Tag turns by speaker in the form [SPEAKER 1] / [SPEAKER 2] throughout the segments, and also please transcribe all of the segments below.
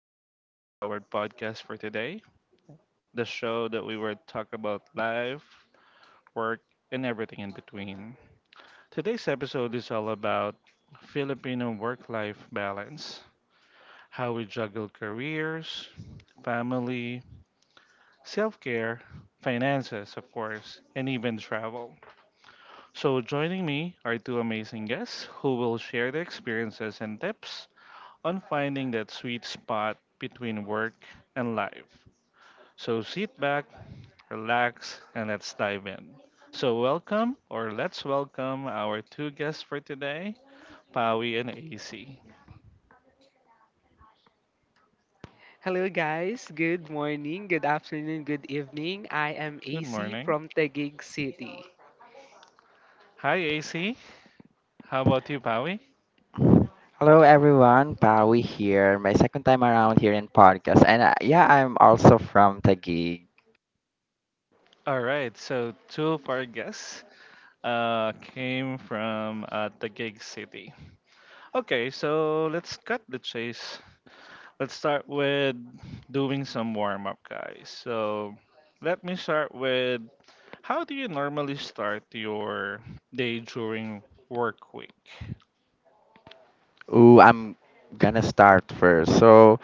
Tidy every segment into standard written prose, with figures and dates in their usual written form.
[SPEAKER 1] Welcome to our podcast for today, the show that we will talk about life, work, and everything in between. Today's episode is all about Filipino work life balance, how we juggle careers, family, self care, finances, of course, and even travel. So, joining me are two amazing guests who will share their experiences and tips on finding that sweet spot between work and life. So sit back, relax, and let's dive in. So, welcome or let's welcome our two guests for today, Pawi and AC.
[SPEAKER 2] Hello, guys. Good morning, good afternoon, good evening. I am
[SPEAKER 1] Good
[SPEAKER 2] AC
[SPEAKER 1] morning.
[SPEAKER 2] from Taguig City.
[SPEAKER 1] Hi, AC. How about you, Pawi?
[SPEAKER 3] Hello everyone, Pawi here. My second time around here in podcast, and yeah, I'm also from Taguig.
[SPEAKER 1] All right, so two of our guests came from Taguig City. Okay, so let's cut the chase. Let's start with doing some warm up, guys. So, let me start with how do you normally start your day during work week?
[SPEAKER 3] Ooh, I'm gonna start first. So,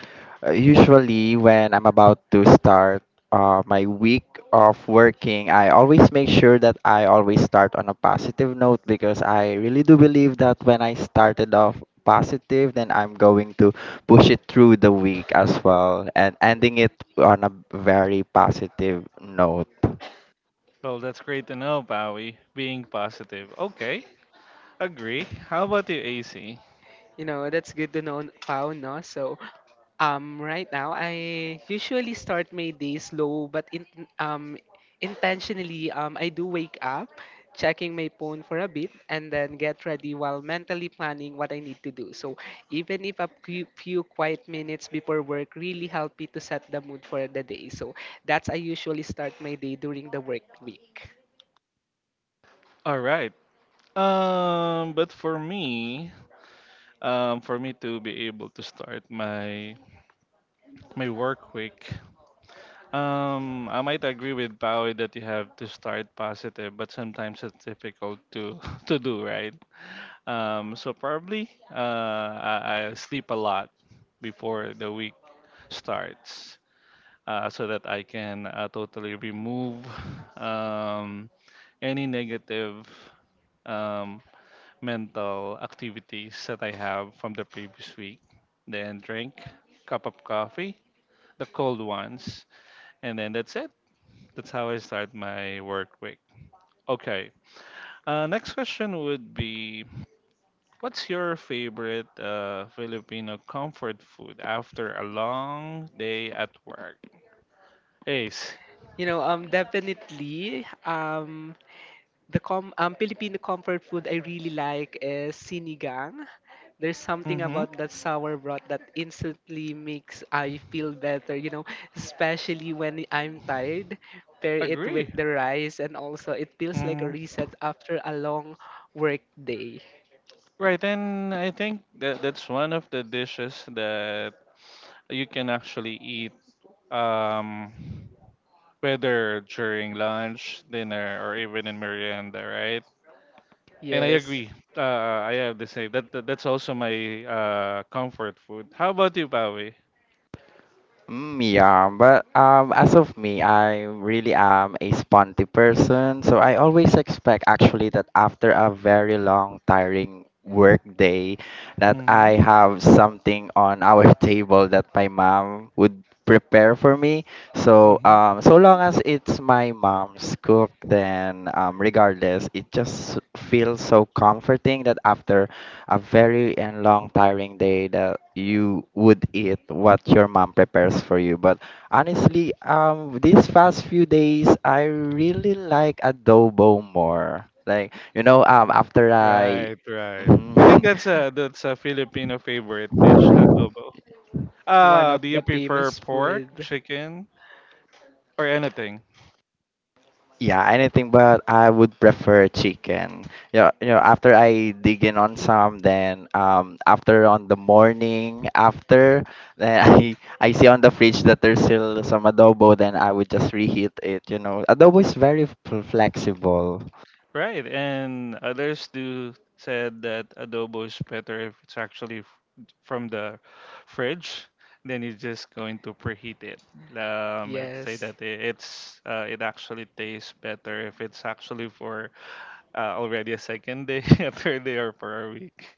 [SPEAKER 3] uh, usually when I'm about to start my week of working, I always make sure that I always start on a positive note because I really do believe that when I started off positive, then I'm going to push it through the week as well and ending it on a very positive note.
[SPEAKER 1] Well, that's great to know, Bowie. Being positive. Okay, agree. How about you, AC?
[SPEAKER 2] You know, that's good to know, Pao, no? So, right now, I usually start my day slow, but um, intentionally, I do wake up, checking my phone for a bit, and then get ready while mentally planning what I need to do. So, even if a few quiet minutes before work really help me to set the mood for the day. So, that's I usually start my day during the work week.
[SPEAKER 1] All right. But for me to be able to start my work week, I might agree with Bowie that you have to start positive, but sometimes it's difficult to to do, right? So probably I sleep a lot before the week starts, so that I can totally remove um, any negative um, mental activities that I have from the previous week. Then drink cup of coffee, the cold ones, and then that's it. That's how I start my work week. Okay. Next question would be what's your favorite Filipino comfort food after a long day at work? Ace.
[SPEAKER 2] You know, definitely. The com Filipino comfort food I really like is sinigang. There's something
[SPEAKER 1] Mm-hmm.
[SPEAKER 2] about that sour broth that instantly makes I feel better, you know, especially when I'm tired. Pair it
[SPEAKER 1] Agree.
[SPEAKER 2] with the rice and also it feels like
[SPEAKER 1] Mm-hmm.
[SPEAKER 2] a reset after a long work day.
[SPEAKER 1] Right, and I think that that's one of the dishes that you can actually eat um, whether during lunch, dinner, or even in merienda, right? And I
[SPEAKER 2] Yes,
[SPEAKER 1] agree. I have the same. That's also my comfort food. How about you, Pawi?
[SPEAKER 3] Yeah, but as of me, I really am a sponty person, so I always expect actually that after a very long, tiring work day, that
[SPEAKER 1] Mm-hmm.
[SPEAKER 3] I have something on our table that my mom would prepare for me. So
[SPEAKER 1] Mm-hmm.
[SPEAKER 3] so long as it's my mom's cook, then regardless, it just feels so comforting that after a very and long tiring day that you would eat what your mom prepares for you. But honestly, these past few days, I really like adobo more. Like after I.
[SPEAKER 1] Right, right. I think that's a that's a Filipino favorite dish, adobo.
[SPEAKER 2] one of
[SPEAKER 1] Do you
[SPEAKER 2] the
[SPEAKER 1] prefer
[SPEAKER 2] famous
[SPEAKER 1] pork,
[SPEAKER 2] food.
[SPEAKER 1] chicken, or anything?
[SPEAKER 3] Yeah, anything but I would prefer chicken. Yeah, you know, after I dig in on some, then after on the morning after, then I see on the fridge that there's still some adobo, then I would just reheat it. Adobo is very flexible.
[SPEAKER 1] Right, and others do said that adobo is better if it's actually from the fridge. Then you're just going to preheat it. I'd say
[SPEAKER 2] Yes,
[SPEAKER 1] that it's it actually tastes better if it's actually for already a second day, a third day, or for a week.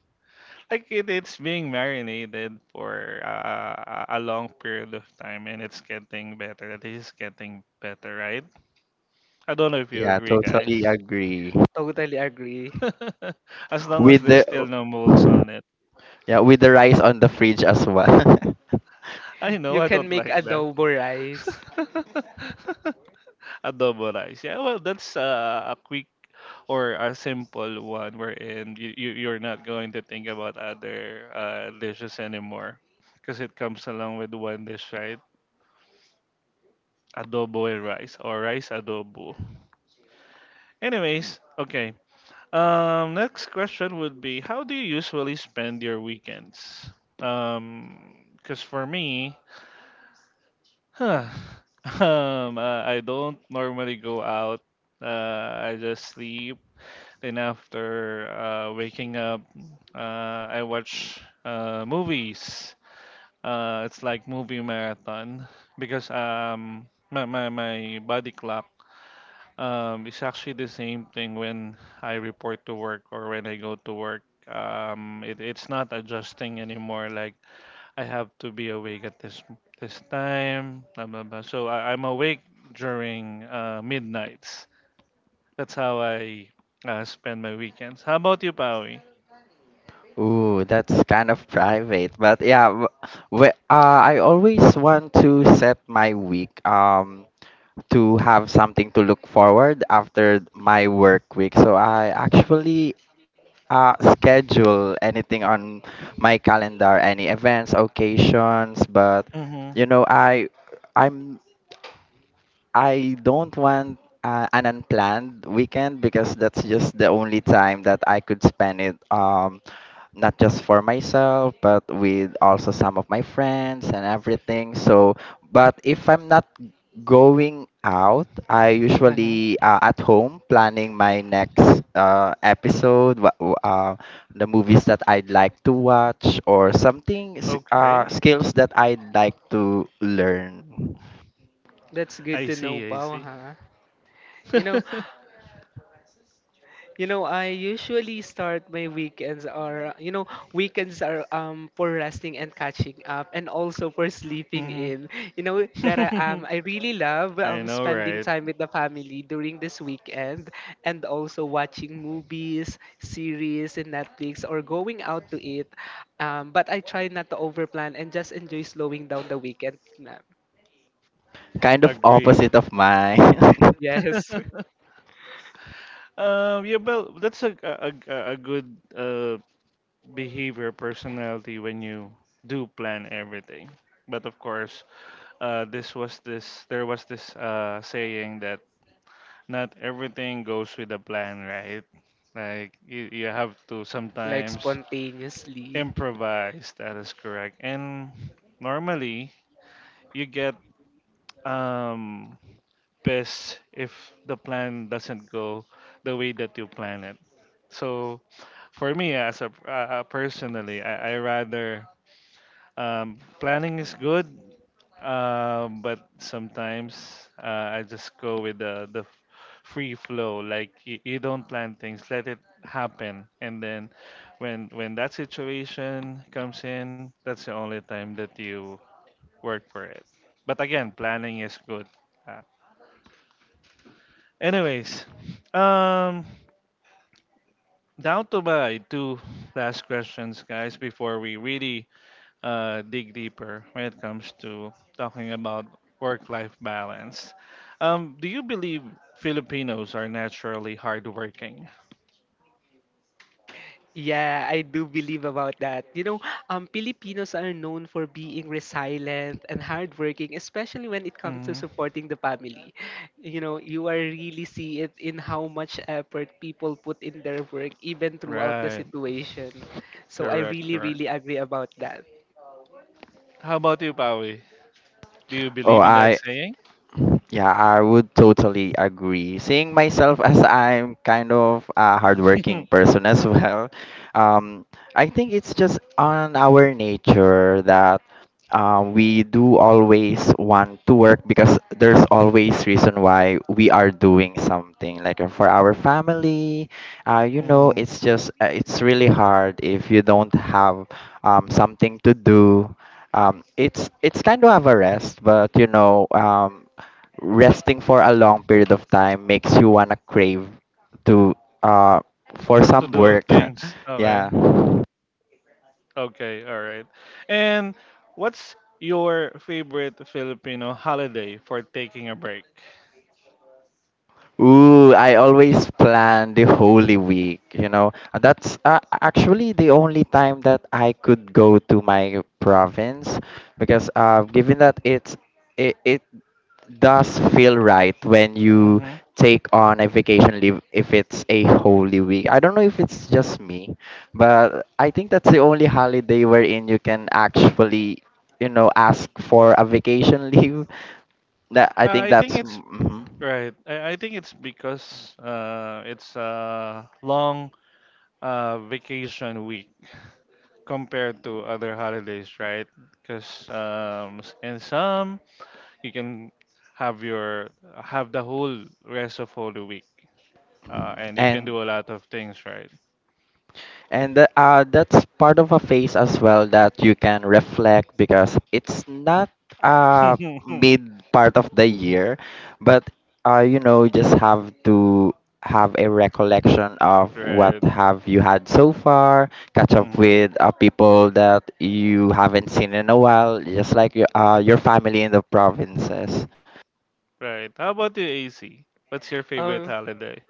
[SPEAKER 1] Like it's being marinated for a long period of time, and it's getting better. It is getting better, right? I don't know if you
[SPEAKER 3] Yeah,
[SPEAKER 1] agree,
[SPEAKER 3] totally
[SPEAKER 1] guys.
[SPEAKER 3] agree.
[SPEAKER 2] totally agree.
[SPEAKER 1] as long as
[SPEAKER 3] With
[SPEAKER 1] there's
[SPEAKER 3] the
[SPEAKER 1] still no molds on it.
[SPEAKER 3] yeah, with the rice on the fridge as well.
[SPEAKER 1] I know
[SPEAKER 2] You
[SPEAKER 1] I
[SPEAKER 2] can
[SPEAKER 1] don't
[SPEAKER 2] make
[SPEAKER 1] like that.
[SPEAKER 2] adobo rice.
[SPEAKER 1] Adobo rice. Yeah, well, that's a quick or a simple one wherein you're not going to think about other dishes anymore because it comes along with one dish, right? Adobo and rice or rice adobo. Anyways, okay. Next question would be how do you usually spend your weekends? Um, because for me, huh. I don't normally go out. I just sleep. Then after waking up, I watch movies. It's like movie marathon because my body clock is actually the same thing when I report to work or when I go to work. It's not adjusting anymore. Like I have to be awake at this time. Blah blah blah. So I'm awake during midnights. That's how I spend my weekends. How about you, Pawi?
[SPEAKER 3] Ooh, that's kind of private, but yeah, I always want to set my week to have something to look forward after my work week. So I actually schedule anything on my calendar, any events, occasions, but
[SPEAKER 1] Mm-hmm.
[SPEAKER 3] you know, I'm I don't want an unplanned weekend because that's just the only time that I could spend it. Not just for myself but with also some of my friends and everything so but if I'm not going out I
[SPEAKER 1] Mm-hmm.
[SPEAKER 3] usually at home planning my next episode the movies that I'd like to watch or something
[SPEAKER 1] Okay.
[SPEAKER 3] skills that I'd like to learn
[SPEAKER 2] That's good
[SPEAKER 1] I
[SPEAKER 2] to know,
[SPEAKER 1] see. I
[SPEAKER 2] Pao,
[SPEAKER 1] see.
[SPEAKER 2] huh? You know, You know, I usually start my weekends or you know, weekends are for resting and catching up and also for sleeping in. You know that I
[SPEAKER 1] Mm-hmm.
[SPEAKER 2] um I really love
[SPEAKER 1] I know,
[SPEAKER 2] spending
[SPEAKER 1] right?
[SPEAKER 2] time with the family during this weekend, and also watching movies, series in Netflix or going out to eat. But I try not to overplan and just enjoy slowing down the weekend. Na-
[SPEAKER 3] kind of
[SPEAKER 1] Agree.
[SPEAKER 3] opposite of mine.
[SPEAKER 2] Yes,
[SPEAKER 1] Yeah, well, that's a good behavior personality when you do plan everything. But of course, this was this there was this saying that not everything goes with a plan, right? Like you have to
[SPEAKER 2] like
[SPEAKER 1] sometimes
[SPEAKER 2] spontaneously.
[SPEAKER 1] improvise. That is correct. And normally you get um, pissed if the plan doesn't go the way that you plan it. So for me as a personally, I rather planning is good, but sometimes I just go with free flow. Like you don't plan things, let it happen, and then when that situation comes in, that's the only time that you work for it. But again, planning is good. Uh, anyways, um, Down to my two last questions, guys, before we really dig deeper when it comes to talking about work-life balance. Do you believe Filipinos are naturally hardworking?
[SPEAKER 2] Yeah, I do believe about that. You know, Filipinos are known for being resilient and hardworking, especially when it comes to
[SPEAKER 1] Hmm.
[SPEAKER 2] supporting the family. You know, you are really see it in how much effort people put in their work, even throughout the
[SPEAKER 1] Right.
[SPEAKER 2] situation. So I
[SPEAKER 1] Correct.
[SPEAKER 2] really,
[SPEAKER 1] Correct.
[SPEAKER 2] really agree about that.
[SPEAKER 1] How about you, Pawi? Do you
[SPEAKER 3] oh
[SPEAKER 1] believe in that
[SPEAKER 3] I
[SPEAKER 1] saying?
[SPEAKER 3] Yeah, I would totally agree. Seeing myself as I'm kind of a hardworking person as well, um, I think it's just on our nature that we do always want to work because there's always reason why we are doing something. Like for our family, you know,
[SPEAKER 1] Mhm.
[SPEAKER 3] it's just it's really hard if you don't have something to do it's kind of a rest, but you know, resting for a long period of time makes you wanna crave to uh for
[SPEAKER 1] To
[SPEAKER 3] some
[SPEAKER 1] do
[SPEAKER 3] work.
[SPEAKER 1] things.
[SPEAKER 3] yeah.
[SPEAKER 1] Okay. Okay. All right. And what's your favorite Filipino holiday for taking a break?
[SPEAKER 3] Ooh, I always plan the Holy Week, you know. That's actually the only time that I could go to my province because given that it does feel right when you
[SPEAKER 1] Hmm.
[SPEAKER 3] take on a vacation leave if it's a Holy Week. I don't know if it's just me, but I think that's the only holiday wherein you can actually, you know, ask for a vacation leave. That I think
[SPEAKER 1] I think
[SPEAKER 3] that's
[SPEAKER 1] it's
[SPEAKER 3] mm-hmm.
[SPEAKER 1] right. I think it's because it's a long vacation week compared to other holidays, right? Because in some you can have your have the whole rest of Holy Week, and you can
[SPEAKER 3] and
[SPEAKER 1] do a lot of things, right?
[SPEAKER 3] And that's part of a phase as well that you can reflect because it's not uh, mid part of the year, but you know, you just have to have a recollection of what
[SPEAKER 1] Right.
[SPEAKER 3] have you had so far, catch up
[SPEAKER 1] Hmm.
[SPEAKER 3] with people that you haven't seen in a while, just like your family in the provinces.
[SPEAKER 1] Right. How about you, AC? What's your favorite
[SPEAKER 2] Um,
[SPEAKER 1] holiday?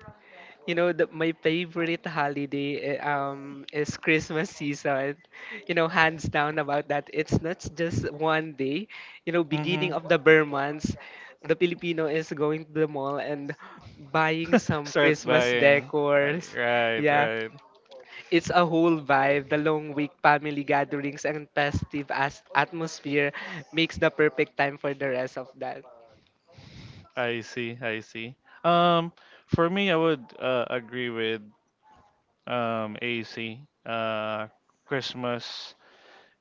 [SPEAKER 2] You know, my favorite holiday is Christmas season. You know, hands down about that. It's not just one day. You know, beginning
[SPEAKER 1] Mm-hmm.
[SPEAKER 2] of the Burr months, the Filipino is going to the mall and buying some
[SPEAKER 1] Start
[SPEAKER 2] Christmas
[SPEAKER 1] buying. Uh,
[SPEAKER 2] decors.
[SPEAKER 1] right.
[SPEAKER 2] Yeah,
[SPEAKER 1] Right.
[SPEAKER 2] it's a whole vibe. The long week family gatherings and festive as atmosphere makes the perfect time for the rest of that.
[SPEAKER 1] I see, I see. Um, for me, I would agree with AC. Christmas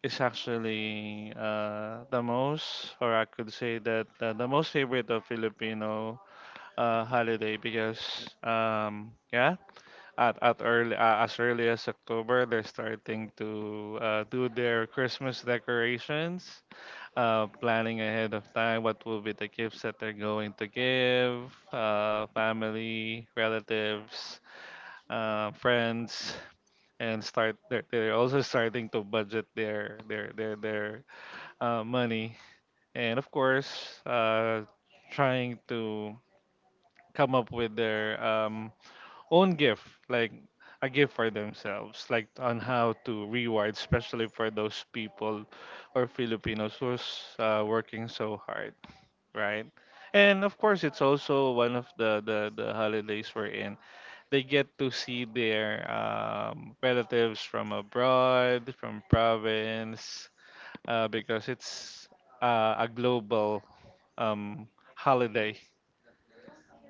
[SPEAKER 1] is actually the most, or I could say that the most favorite of Filipino holiday because, yeah, at early as early as October, they're starting to do their Christmas decorations planning ahead of time what will be the gifts that they're going to give, family, relatives, friends, and start. They're also starting to budget their money, and of course, trying to come up with their own gift, like a gift for themselves, like on how to reward, especially for those people or Filipinos who's working so hard, right? And of course, it's also one of the holidays we're in. They get to see their relatives from abroad, from province, because it's a global um, holiday,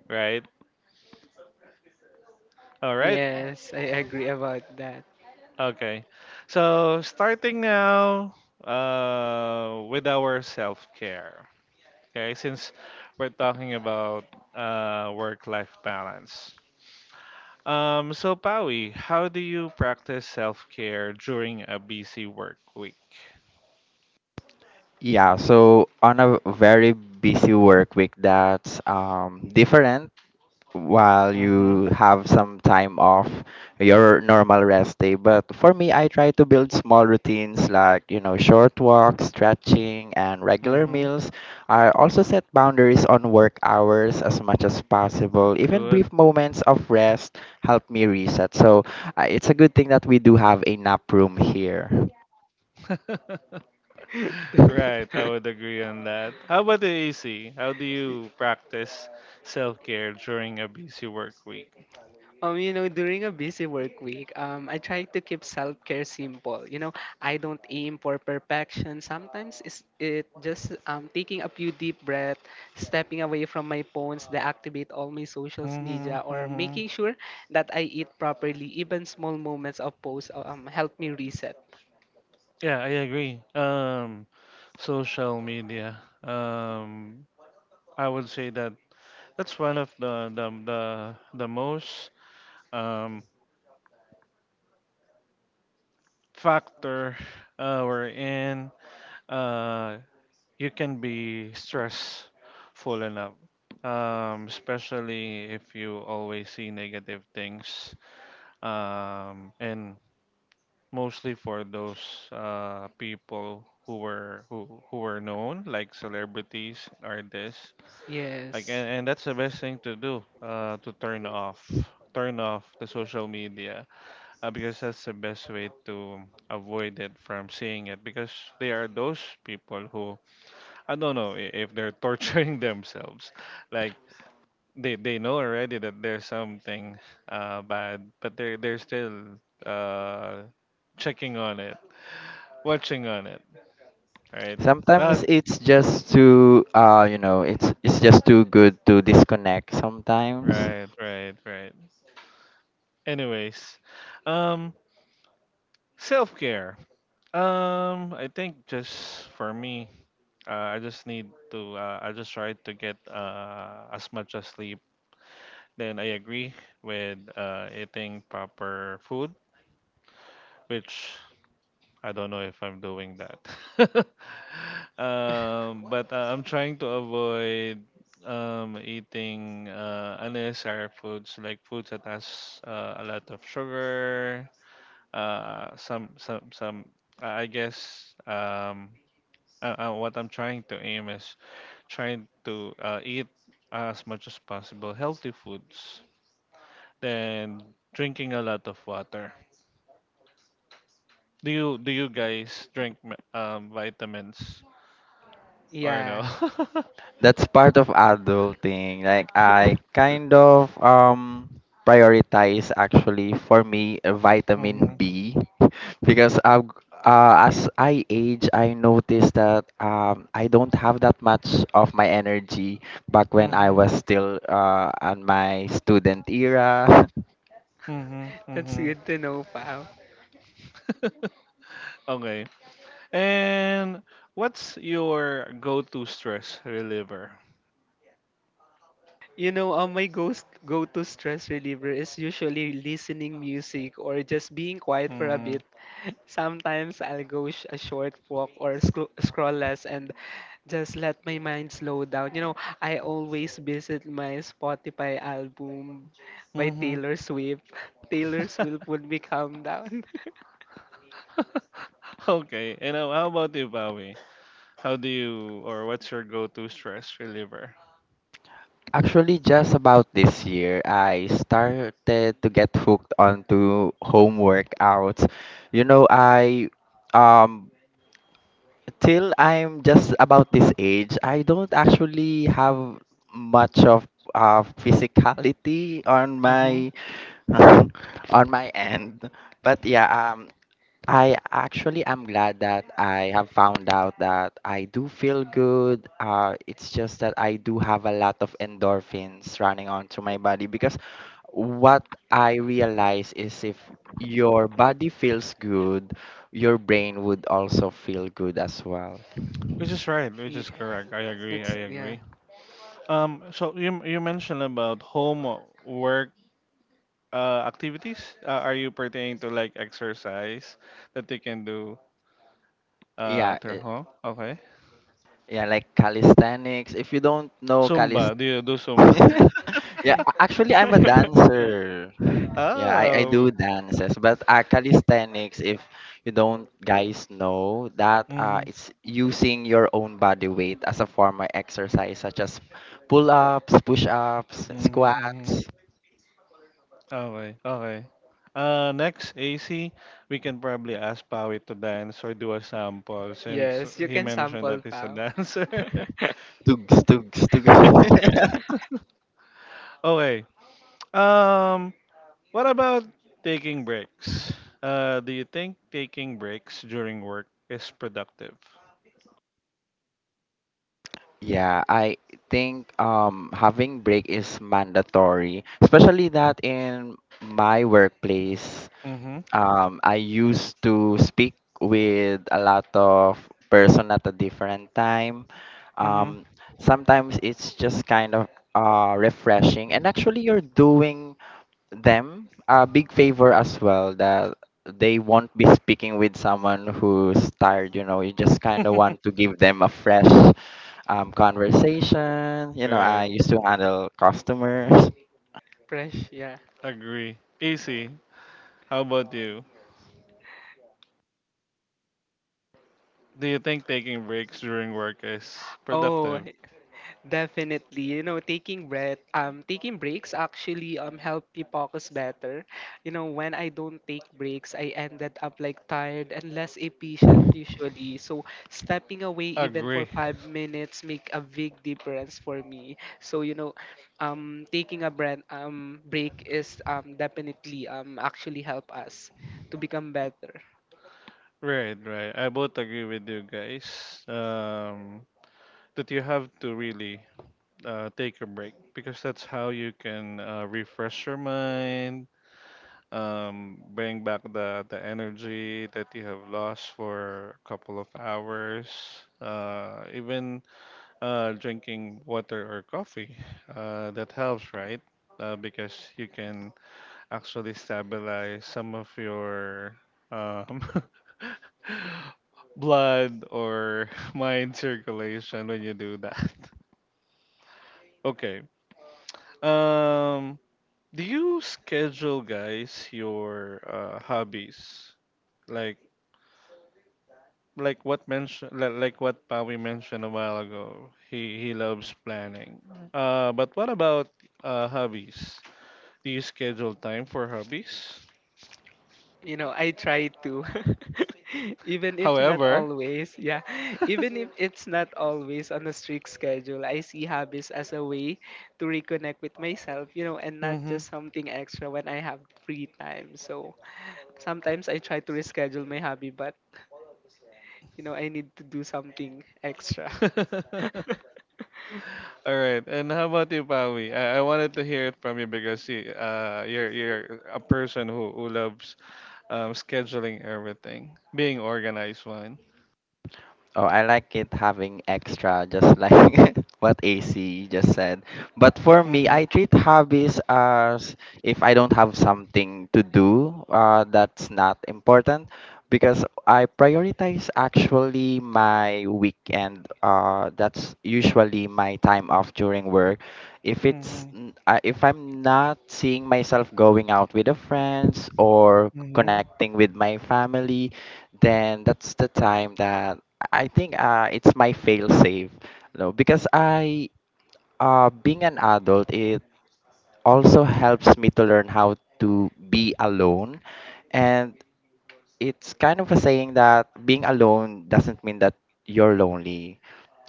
[SPEAKER 1] right? All right.
[SPEAKER 2] Yes, I agree about that.
[SPEAKER 1] Okay. So starting now with our self care. Okay, since we're talking about work life balance. So Pawi, how do you practice self care during a busy work week?
[SPEAKER 3] Yeah, so on a very busy work week that's different while
[SPEAKER 1] Mm-hmm.
[SPEAKER 3] you have some time off your normal rest day. But for me, I try to build small routines like, you know, short walks, stretching, and regular
[SPEAKER 1] Mm-hmm.
[SPEAKER 3] meals. I also set boundaries on work hours as much as possible. Even
[SPEAKER 1] Good.
[SPEAKER 3] brief moments of rest help me reset. So it's a good thing that we do have a nap room here.
[SPEAKER 1] Right, I would agree on that. How about the AC? How do you practice self care during a busy work week?
[SPEAKER 2] You know, during a busy work week, I try to keep self-care simple. You know, I don't aim for perfection. Sometimes it just taking a few deep breaths, stepping away from my phones, deactivate all my social media,
[SPEAKER 1] Mm-hmm.
[SPEAKER 2] or
[SPEAKER 1] Mm-hmm.
[SPEAKER 2] making sure that I eat properly. Even small moments of pause help me reset.
[SPEAKER 1] Yeah, I agree. Social media. Um, I would say that that's one of the most um factor wherein uh, you can be stressful enough, especially if you always see negative things, and mostly for those people who were known like celebrities artists like
[SPEAKER 2] Yes.
[SPEAKER 1] and that's the best thing to do to turn off the social media because that's the best way to avoid it from seeing it because they are those people who I don't know if they're torturing themselves like they know already that there's something bad but they're still uh, checking on it watching on it right that
[SPEAKER 3] Sometimes it's
[SPEAKER 1] mhm.
[SPEAKER 3] just too, you know, it's just too good to disconnect sometimes.
[SPEAKER 1] Right right right. Anyways um self-care, I think just for me I just need to. I just try to get as much as sleep. Then I agree with eating proper food, which I don't know if I'm doing that. But I'm trying to avoid eating unnecessary foods like foods that has a lot of sugar. Some some. I guess what I'm trying to aim is trying to eat as much as possible healthy foods then drinking a lot of water. Do you guys drink vitamins or
[SPEAKER 2] Yeah.
[SPEAKER 1] no?
[SPEAKER 3] That's part of adulting. Like I kind of prioritize actually for me vitamin
[SPEAKER 1] Mhm.
[SPEAKER 3] B because I as I age, I noticed that I don't have that much of my energy back when I
[SPEAKER 1] Mhm.
[SPEAKER 3] was still on my student era.
[SPEAKER 1] Mhm.
[SPEAKER 2] That's
[SPEAKER 1] Mhm.
[SPEAKER 2] good to know, pal.
[SPEAKER 1] Okay. And what's your go-to stress reliever?
[SPEAKER 2] You know, my ghost go-to stress reliever is usually listening music or just being quiet for a
[SPEAKER 1] Mhm.
[SPEAKER 2] bit. Sometimes I'll a short walk or scroll less and just let my mind slow down. You know, I always visit my Spotify album by
[SPEAKER 1] Mhm.
[SPEAKER 2] Taylor Swift. Taylor Swift would me calm down.
[SPEAKER 1] Okay. And how about you, Bowie? How do you or what's your go-to stress reliever?
[SPEAKER 3] Actually, just about this year, I started to get hooked onto home workouts. You know, I um till I'm just about this age, I don't actually have much of physicality on
[SPEAKER 1] Mhm.
[SPEAKER 3] my on my end. But yeah, I actually am glad that I have found out that I do feel good. It's just that I do have a lot of endorphins running onto my body because what I realize is if your body feels good, your brain would also feel good as well.
[SPEAKER 1] Which is right, which
[SPEAKER 2] yeah,
[SPEAKER 1] is correct. I agree.
[SPEAKER 2] that's
[SPEAKER 1] I
[SPEAKER 2] yeah.
[SPEAKER 1] agree. So you mentioned about home or work activities. Are you pertaining to like exercise that you can do
[SPEAKER 3] Yeah,
[SPEAKER 1] at your
[SPEAKER 3] uh,
[SPEAKER 1] home? Okay.
[SPEAKER 3] yeah, like calisthenics. If you don't know calist,
[SPEAKER 1] Zumba. Do you do Zumba?
[SPEAKER 3] yeah, actually I'm a dancer. Yeah, I
[SPEAKER 1] Oh.
[SPEAKER 3] do dances, but calisthenics, if you don't guys know that
[SPEAKER 1] Mm-hmm,
[SPEAKER 3] it's using your own body weight as a form of exercise, such as pull-ups, push-ups,
[SPEAKER 1] mm-hmm,
[SPEAKER 3] squats,
[SPEAKER 1] mm-hmm. Okay. Okay. Next, AC, we can probably ask Pawi to dance or do a sample since
[SPEAKER 2] yes, you
[SPEAKER 1] he
[SPEAKER 2] can
[SPEAKER 1] mentioned
[SPEAKER 2] sample,
[SPEAKER 1] that he's a
[SPEAKER 2] pal.
[SPEAKER 1] dancer.
[SPEAKER 3] tugs, tugs, tugs.
[SPEAKER 1] Okay. Um, What about taking breaks? Do you think taking breaks during work is productive?
[SPEAKER 3] Yeah, I think having break is mandatory, especially that in my workplace.
[SPEAKER 1] Mm-hmm.
[SPEAKER 3] I used to speak with a lot of person at a different time.
[SPEAKER 1] Mm-hmm.
[SPEAKER 3] Um, sometimes it's just kind of refreshing, and actually you're doing them a big favor as well that they won't be speaking with someone who's tired. You know, you just kind of want to give them a fresh conversation. You know,
[SPEAKER 1] Right.
[SPEAKER 3] I used to handle customers.
[SPEAKER 2] Fresh, yeah.
[SPEAKER 1] Agree. Easy. How about you? Do you think taking breaks during work is
[SPEAKER 2] Oh,
[SPEAKER 1] productive?
[SPEAKER 2] definitely. You know, taking breaks actually help me focus better. You know, when I don't take breaks, I ended up like tired and less efficient usually. So stepping away even for
[SPEAKER 1] Agree.
[SPEAKER 2] 5 minutes make a big difference for me. So you know, taking a breath break is definitely actually help us to become better.
[SPEAKER 1] Right, right. I both agree with you guys. That you have to really take a break because that's how you can refresh your mind, bring back the energy that you have lost for a couple of hours even drinking water or coffee, that helps, right? Because you can actually stabilize some of your um blood or mind circulation when you do that. Okay. um do you schedule guys your hobbies, like like what Pawi mentioned a while ago, he loves planning. But what about hobbies? Do you schedule time for hobbies?
[SPEAKER 2] You know, I try to, even if not
[SPEAKER 1] However,
[SPEAKER 2] always, yeah, even if it's not always on a strict schedule, I see hobbies as a way to reconnect with myself, you know, and not
[SPEAKER 1] mm-hmm.
[SPEAKER 2] just something extra when I have free time. So sometimes I try to reschedule my hobby, but you know, I need to do something extra.
[SPEAKER 1] All right, and how about you, Pawi? I wanted to hear it from you because you, you're a person who loves scheduling everything, being organized one.
[SPEAKER 3] Oh, I like it having extra, just like what AC just said. But for me,
[SPEAKER 1] Mm-hmm.
[SPEAKER 3] I treat hobbies as if I don't have something to do that's not important because I prioritize actually my weekend. That's usually my time off during work. If it's
[SPEAKER 1] Mm-hmm.
[SPEAKER 3] if I'm not seeing myself going out with the friends or
[SPEAKER 1] Mm-hmm.
[SPEAKER 3] connecting with my family, then that's the time that I think it's my fail safe. No, because I being an adult, it also helps me to learn how to be alone, and it's kind of a saying that being alone doesn't mean that you're lonely.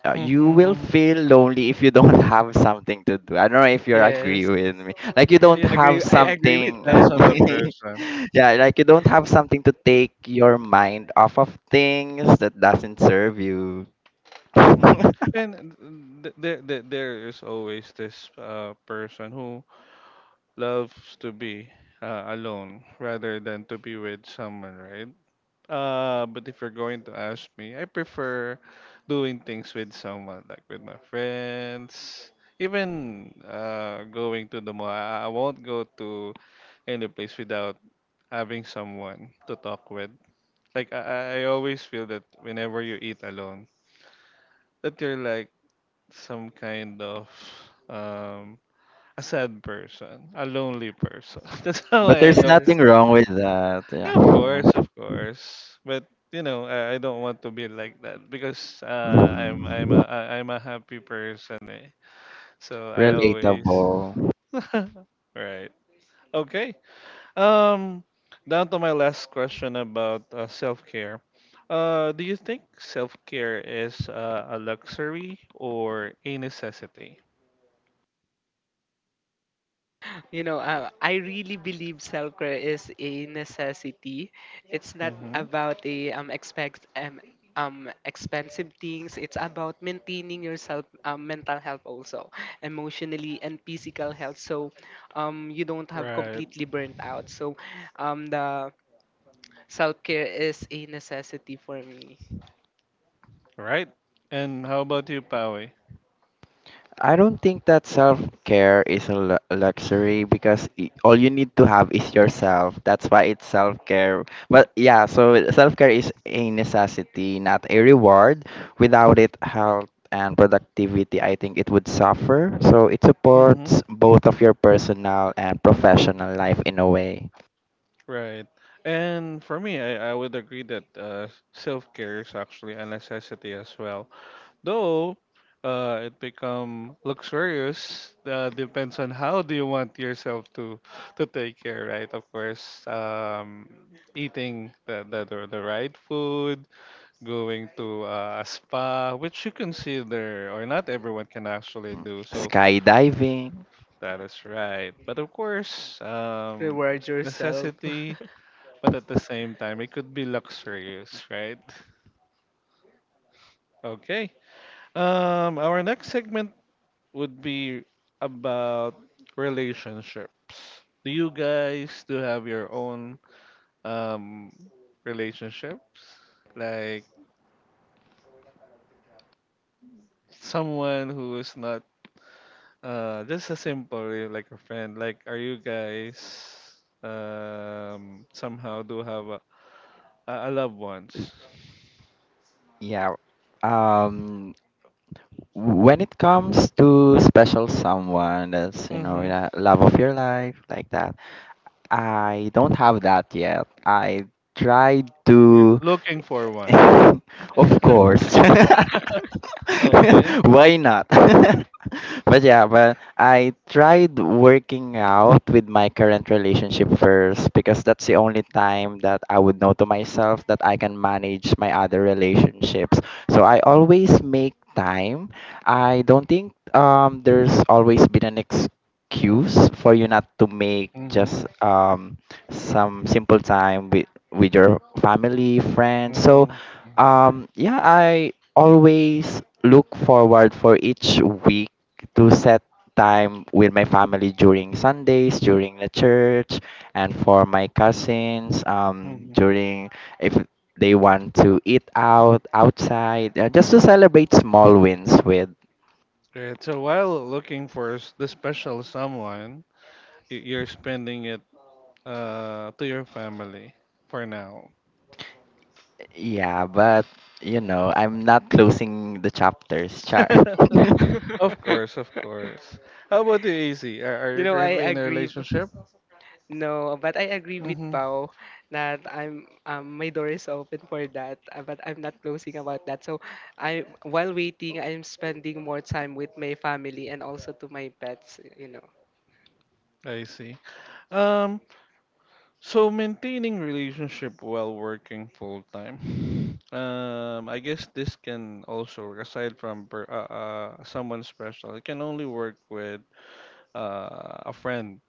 [SPEAKER 1] Mm-hmm.
[SPEAKER 3] You will
[SPEAKER 1] Mm-hmm.
[SPEAKER 3] feel lonely if you don't have something to do. I don't know if you agree
[SPEAKER 2] Yes,
[SPEAKER 3] with me. Like you
[SPEAKER 1] Yeah,
[SPEAKER 3] don't
[SPEAKER 1] yeah.
[SPEAKER 3] have
[SPEAKER 2] agree. I
[SPEAKER 1] It
[SPEAKER 2] agree with
[SPEAKER 3] something.
[SPEAKER 2] that.
[SPEAKER 1] depends on the person.
[SPEAKER 3] yeah, like you don't have something to take your mind off of things that doesn't serve you.
[SPEAKER 1] Mm-hmm.
[SPEAKER 3] but
[SPEAKER 1] And there is always this person who loves to be alone rather than to be with someone, right? But if you're going to ask me, I prefer doing things with someone, like with my friends, even going to the mall. I won't go to any place without having someone to talk with. Like I always feel that whenever you eat alone, that you're like some kind of um a sad person, a lonely person. That's how I
[SPEAKER 3] there's
[SPEAKER 1] look at
[SPEAKER 2] Yes.
[SPEAKER 3] nothing
[SPEAKER 1] it.
[SPEAKER 3] wrong with that.
[SPEAKER 1] Yeah, of course,
[SPEAKER 3] Yeah.
[SPEAKER 1] of course. But you know, I don't want to be like that because I'm I'm
[SPEAKER 3] Mhm.
[SPEAKER 1] a I, I'm a happy person. Eh? So I always
[SPEAKER 3] Relatable.
[SPEAKER 1] right. Okay. Um, down to my last question about self care. Do you think self care is a luxury or a necessity?
[SPEAKER 2] You know, I really believe self care is a necessity. It's not
[SPEAKER 1] Mm-hmm.
[SPEAKER 2] about a expect expensive things. It's about maintaining yourself mental health also, emotionally and physical health. So, you don't have
[SPEAKER 1] Right.
[SPEAKER 2] completely burnt out. So, the self care is a necessity for me.
[SPEAKER 1] Right. And how about you, Pawi?
[SPEAKER 3] I don't think that self care is a luxury because all you need to have is yourself. That's why it's self care. But yeah, so self care is a necessity, not a reward. Without it, health and productivity, I think it would suffer. So it
[SPEAKER 1] Mm-hmm.
[SPEAKER 3] supports both of your personal and professional life in a way.
[SPEAKER 1] Right. And for me, I would agree that self care is actually a necessity as well. Though it become luxurious, depends on how do you want yourself to take care, right? Of course, eating the right food, going to a spa, which you consider or not everyone can actually do. So
[SPEAKER 3] Skydiving.
[SPEAKER 1] that is right. But of course,
[SPEAKER 2] Reward
[SPEAKER 1] it's
[SPEAKER 2] yourself.
[SPEAKER 1] necessity, but at the same time, it could be luxurious, right? Okay. Our next segment would be about relationships. Do you guys do have your own um relationships? Like someone who is not just a simple eh, like a friend. Like are you guys somehow do have a I a loved ones.
[SPEAKER 3] Yeah. Um when it comes to special someone that's you know
[SPEAKER 1] Mm-hmm.
[SPEAKER 3] that love of your life like that I don't have that yet. I try
[SPEAKER 1] You're
[SPEAKER 3] to.
[SPEAKER 1] looking for one.
[SPEAKER 3] Of course.
[SPEAKER 1] Okay.
[SPEAKER 3] Why not? But yeah, but I tried working out with my current relationship first because that's the only time that I would know to myself that I can manage my other relationships. So I always make time. I don't think there's always been an cues for you not to make
[SPEAKER 1] Mm-hmm.
[SPEAKER 3] just some simple time with your family friends so
[SPEAKER 1] Mm-hmm.
[SPEAKER 3] yeah, I always look forward for each week to set time with my family during Sundays during the church and for my cousins
[SPEAKER 1] Mm-hmm.
[SPEAKER 3] during if they want to eat out outside just to celebrate small wins with.
[SPEAKER 1] Right. So while looking for the special someone, you're spending it to your family for now.
[SPEAKER 3] Yeah, but you know, I'm not closing the chapters, Char.
[SPEAKER 1] Of course, of course. How about you, AC?
[SPEAKER 2] you
[SPEAKER 1] Are you
[SPEAKER 2] know, I
[SPEAKER 1] currently in a
[SPEAKER 2] agree.
[SPEAKER 1] relationship?
[SPEAKER 2] No, but I agree with
[SPEAKER 1] Mm-hmm.
[SPEAKER 2] Pao that I'm my door is open for that, but I'm not closing about that. So I while waiting, I'm spending more time with my family and also to my pets, you know.
[SPEAKER 1] I see. Um, So maintaining relationship while working full time. I guess this can also aside from someone special. It can only work with a friend.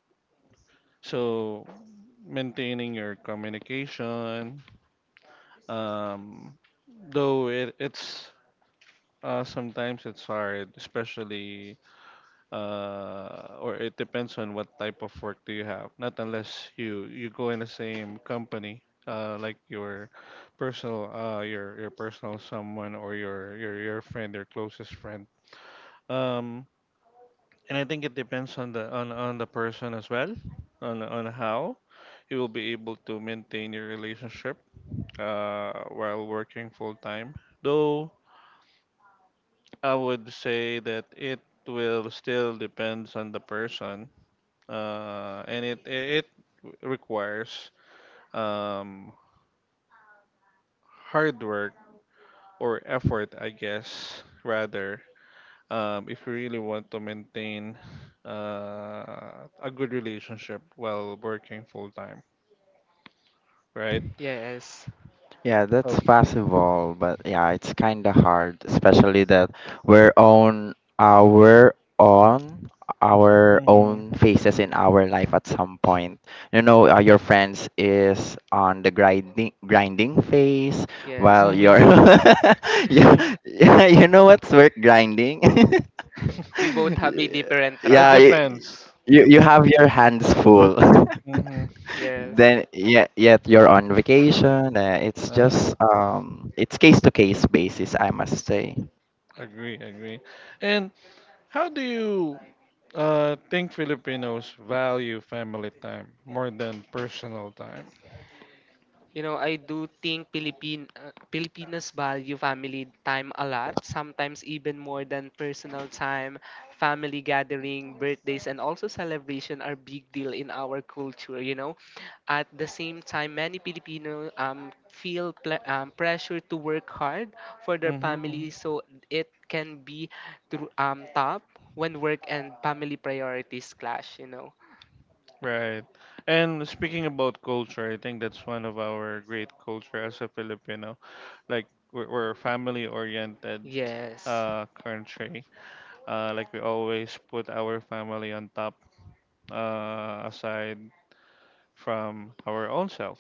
[SPEAKER 1] So maintaining your communication, um, though it, it's sometimes it's hard, especially or it depends on what type of work do you have. Not unless you go in the same company, like your your personal someone or your friend, your closest friend. Um, and I think it depends on the person as well, on how you will be able to maintain your relationship while working full time. Though I would say that it will still depends on the person, and it requires um, hard work or effort, I guess, rather, if you really want to maintain a good relationship while working full time, right?
[SPEAKER 2] Yes.
[SPEAKER 3] Yeah,
[SPEAKER 1] Oh,
[SPEAKER 3] that's possible, but yeah, it's kind of hard, especially that we're on our
[SPEAKER 1] hmm
[SPEAKER 3] own phases in our life at some point. You know, your friends is on the grinding phase,
[SPEAKER 2] Yes,
[SPEAKER 3] while
[SPEAKER 1] hmm
[SPEAKER 3] you're yeah, yeah, you know what's work grinding?
[SPEAKER 2] we both have a different
[SPEAKER 1] it
[SPEAKER 2] track.
[SPEAKER 3] Yeah, you,
[SPEAKER 1] depends.
[SPEAKER 3] you have your hands full.
[SPEAKER 1] Hmm.
[SPEAKER 2] Yes.
[SPEAKER 3] then yet you're on vacation. It's
[SPEAKER 1] Uh,
[SPEAKER 3] just it's case to case basis I must say.
[SPEAKER 1] Agree, agree. And how do you think Filipinos value family time more than personal time?
[SPEAKER 2] You know, I do think Philippine Filipinas value family time a lot, sometimes even more than personal time. Family gathering, birthdays, and also celebration are big deal in our culture, you know. At the same time, many Filipino feel pressure to work hard for their family,
[SPEAKER 1] Hmm.
[SPEAKER 2] so it can be through top when work and family priorities clash, you know.
[SPEAKER 1] Right. And speaking about culture, I think that's one of our great culture as a Filipino. Like we're a family-oriented
[SPEAKER 2] Yes,
[SPEAKER 1] country. Like we always put our family on top, aside from our own self.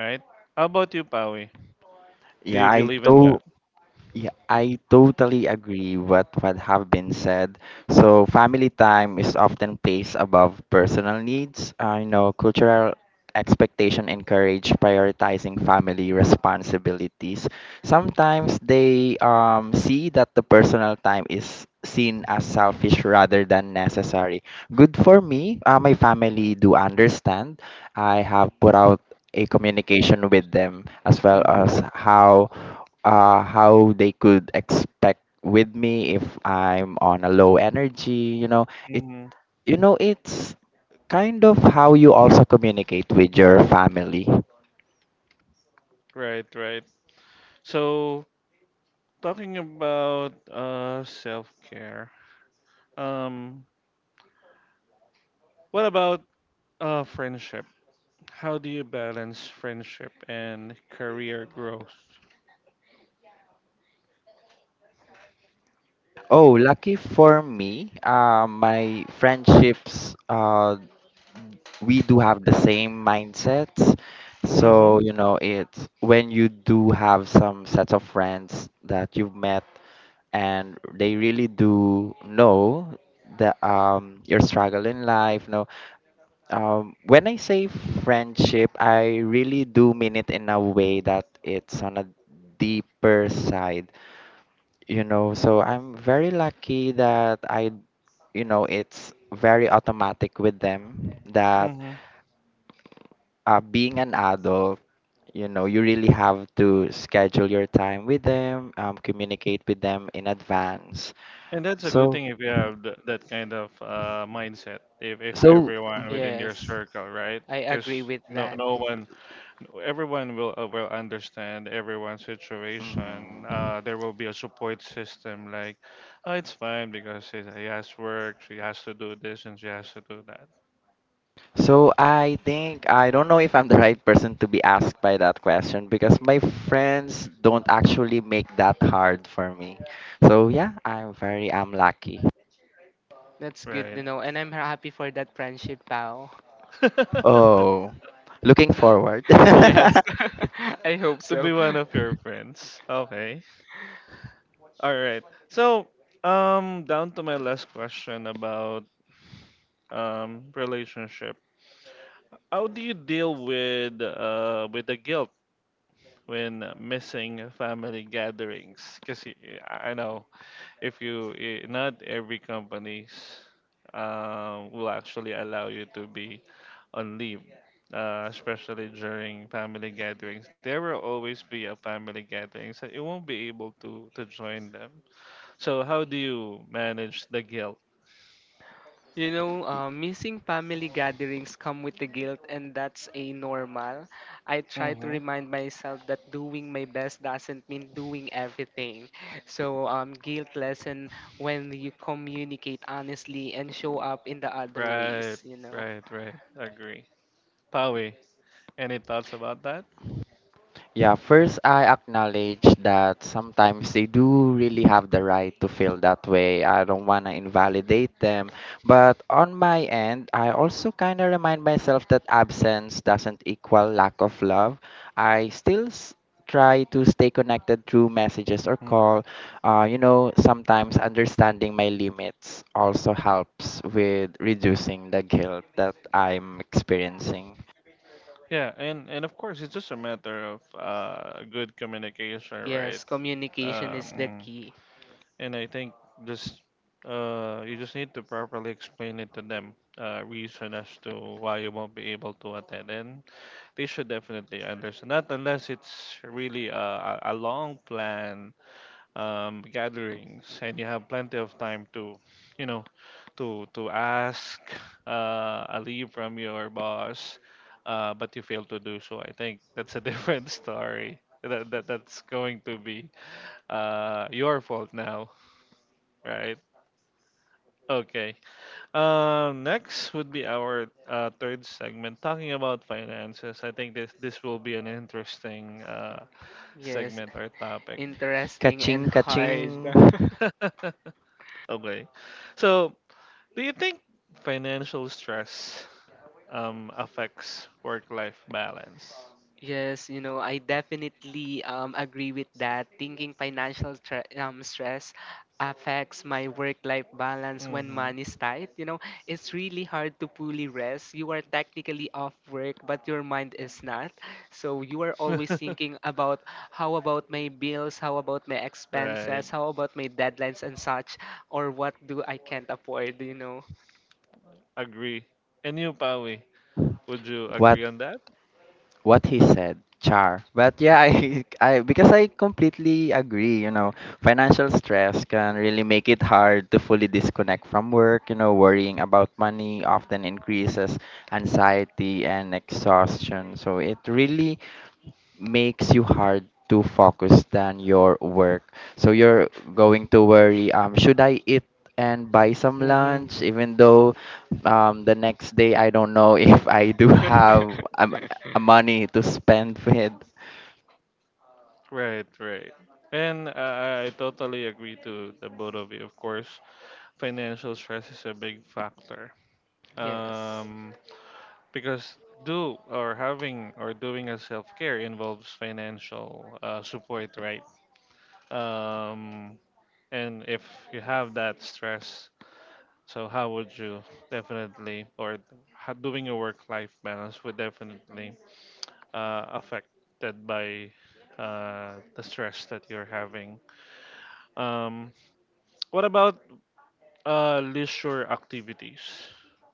[SPEAKER 1] Right? How about you, Pawi? Do
[SPEAKER 3] Yeah
[SPEAKER 1] you
[SPEAKER 3] I
[SPEAKER 1] believe in
[SPEAKER 3] told.
[SPEAKER 1] that?
[SPEAKER 3] Yeah, I totally agree with what have been said. So family time is often placed above personal needs. I know cultural expectation encourage prioritizing family responsibilities. Sometimes they see that the personal time is seen as selfish rather than necessary. Good for me. My family do understand. I have put out a communication with them as well
[SPEAKER 1] Mm-hmm.
[SPEAKER 3] as how they could expect with me if I'm on a low energy. You know, it
[SPEAKER 1] Mm-hmm.
[SPEAKER 3] it's kind of how you also communicate with your family.
[SPEAKER 1] Right. Right. So talking about self-care. Um, what about friendship? How do you balance friendship and career growth?
[SPEAKER 3] Oh, lucky for me, my friendships we do have the same mindsets.
[SPEAKER 1] Mm-hmm.
[SPEAKER 3] So, you know, it's when you do have some sets of friends that you've met and they really do know the your struggle in life, no? When I say friendship, I really do mean it in a way that it's on a deeper side, you know. So I'm very lucky that I it's very automatic with them that
[SPEAKER 1] Mm-hmm.
[SPEAKER 3] being an adult, you know, you really have to schedule your time with them, communicate with them in advance.
[SPEAKER 1] And that's a good
[SPEAKER 3] So,
[SPEAKER 1] thing if you
[SPEAKER 3] mhm.
[SPEAKER 1] have that kind of mindset. If
[SPEAKER 3] so,
[SPEAKER 1] everyone
[SPEAKER 3] mhm,
[SPEAKER 1] within your
[SPEAKER 2] yes,
[SPEAKER 1] circle, right?
[SPEAKER 2] I agree
[SPEAKER 1] Because
[SPEAKER 2] with
[SPEAKER 1] no
[SPEAKER 2] that.
[SPEAKER 1] no one, everyone will understand everyone's situation.
[SPEAKER 3] mhm.
[SPEAKER 1] There will be a support system. Like, oh, it's fine because he has work. She has to do this and she has to do that.
[SPEAKER 3] So I think I don't know if I'm the right person to be asked by that question, because my friends don't actually make that hard for me. So yeah, I'm very I'm lucky.
[SPEAKER 2] That's good
[SPEAKER 1] Right.
[SPEAKER 2] to know, and I'm happy for that friendship, pal.
[SPEAKER 3] Oh, looking forward.
[SPEAKER 2] yes, I hope
[SPEAKER 1] To be
[SPEAKER 2] so.
[SPEAKER 1] one of your friends. Okay. All right. So, down to my last question about relationship. How do you deal with the guilt when missing family gatherings? Because I know if not every companies will actually allow you to be on leave. Especially during family gatherings, there will always be a family gatherings that you won't be able to join them. So how do you manage the guilt?
[SPEAKER 2] You know, missing family gatherings come with the guilt, and that's a normal. I try to
[SPEAKER 1] Mm-hmm.
[SPEAKER 2] remind myself that doing my best doesn't mean doing everything. So, guilt lesson when you communicate honestly and show up in the other
[SPEAKER 1] Right,
[SPEAKER 2] ways. You know.
[SPEAKER 1] right. Agree. Pawi, any thoughts about that?
[SPEAKER 3] Yeah, first I acknowledge that sometimes they do really have the right to feel that way. I don't want to invalidate them. But on my end, I also kind of remind myself that absence doesn't equal lack of love. I still s- try to stay connected through messages or
[SPEAKER 1] Mm-hmm.
[SPEAKER 3] call. You know, sometimes understanding my limits also helps with reducing the guilt that I'm experiencing.
[SPEAKER 1] Yeah, and of course it's just a matter of good communication, right?
[SPEAKER 2] Yes, communication is the
[SPEAKER 1] Um,
[SPEAKER 2] key.
[SPEAKER 1] and I think just you just need to properly explain it to them, reason as to why you won't be able to attend, and they should definitely understand. Not unless it's really a long plan gatherings, and you have plenty of time to, you know, to ask a leave from your boss, but you fail to do so. I think that's a different story. That's going to be your fault now, right? Okay. Next would be our third segment, talking about finances. I think this will be an interesting
[SPEAKER 2] Yes,
[SPEAKER 1] segment or topic.
[SPEAKER 2] interesting and
[SPEAKER 3] Kaching, kaching.
[SPEAKER 2] hard.
[SPEAKER 1] Okay, so do you think financial stress affects work life balance?
[SPEAKER 2] Yes, you know, I definitely agree with that. Thinking financial stress affects my work life balance when
[SPEAKER 1] Mm-hmm.
[SPEAKER 2] money's tight. You know, it's really hard to fully rest. You are technically off work, but your mind is not. So you are always thinking about how about my bills, how about my
[SPEAKER 1] Right.
[SPEAKER 2] expenses, how about my deadlines and such, or what do I can't afford, you know?
[SPEAKER 1] Agree. And you, Pawi, would you
[SPEAKER 3] What
[SPEAKER 1] agree on that?
[SPEAKER 3] what he said, char, but yeah, I completely agree. You know, financial stress can really make it hard to fully disconnect from work. You know, worrying about money often increases anxiety and exhaustion, so it really makes you hard to focus than your work. So you're going to worry, should I eat and buy some
[SPEAKER 1] Mm-hmm.
[SPEAKER 3] lunch, even though the next day I don't know if I do have a money to spend with.
[SPEAKER 1] Right, right. And I totally agree to the both of you. Of course, financial stress is a big factor.
[SPEAKER 2] Yes.
[SPEAKER 1] Um, because do or having or doing a self care involves financial support, right? Um, and if you have that stress, so how would you definitely, or how doing your work-life balance would definitely affected by the stress that you're having. Um, what about leisure activities?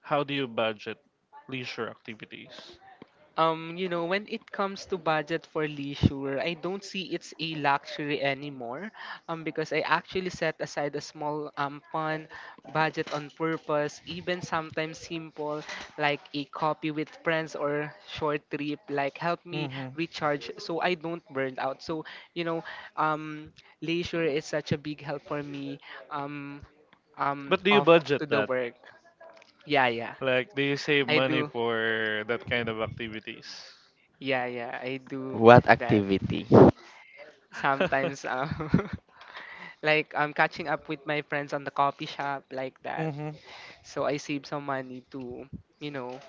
[SPEAKER 1] How do you budget leisure activities?
[SPEAKER 2] You know, when it comes to budget for leisure, I don't see it's a luxury anymore. Because I actually set aside a small fun budget on purpose, even sometimes simple like a coffee with friends or short trip, like help me
[SPEAKER 1] Hmm.
[SPEAKER 2] recharge so I don't burn out. So, you know, um leisure is such a big help for me um
[SPEAKER 1] But do you
[SPEAKER 2] off
[SPEAKER 1] budget
[SPEAKER 2] to the
[SPEAKER 1] that?
[SPEAKER 2] work. Yeah, yeah.
[SPEAKER 1] Like, do you save
[SPEAKER 2] I
[SPEAKER 1] money
[SPEAKER 2] do.
[SPEAKER 1] for that kind of activities?
[SPEAKER 2] Yeah, yeah, I do
[SPEAKER 3] What
[SPEAKER 2] that.
[SPEAKER 3] activity?
[SPEAKER 2] Sometimes like I'm catching up with my friends on the coffee shop like that.
[SPEAKER 1] Mm-hmm.
[SPEAKER 2] So I save some money to, you know,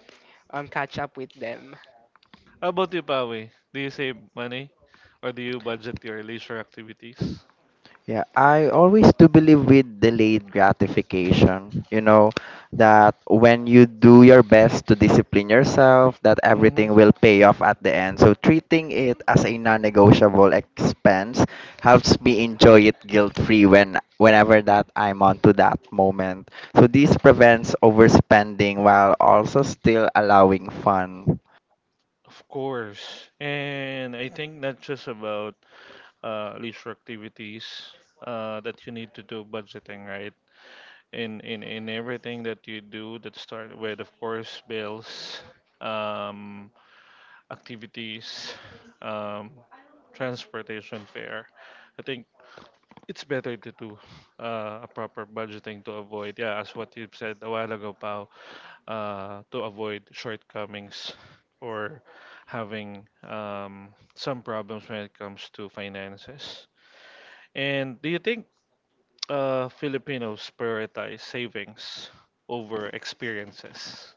[SPEAKER 2] catch up with them.
[SPEAKER 1] How about you, Pawe? Do you save money or do you budget your leisure activities?
[SPEAKER 3] Yeah, I always do believe with delayed gratification, you know, that when you do your best to discipline yourself, that
[SPEAKER 1] Hmm.
[SPEAKER 3] everything will pay off at the end. So treating it as a non-negotiable expense helps me enjoy it guilt-free whenever that I'm on to that moment. So this prevents overspending while also still allowing fun.
[SPEAKER 1] Of course. And I think not just about leisure activities, that you need to do budgeting, right? In, in everything that you do that start with, of course, bills, um, activities, um, transportation fare. I think it's better to do a proper budgeting to avoid, yeah, as what you said a while ago, Pao, to avoid shortcomings or having some problems when it comes to finances. And do you think Filipinos prioritize savings over experiences?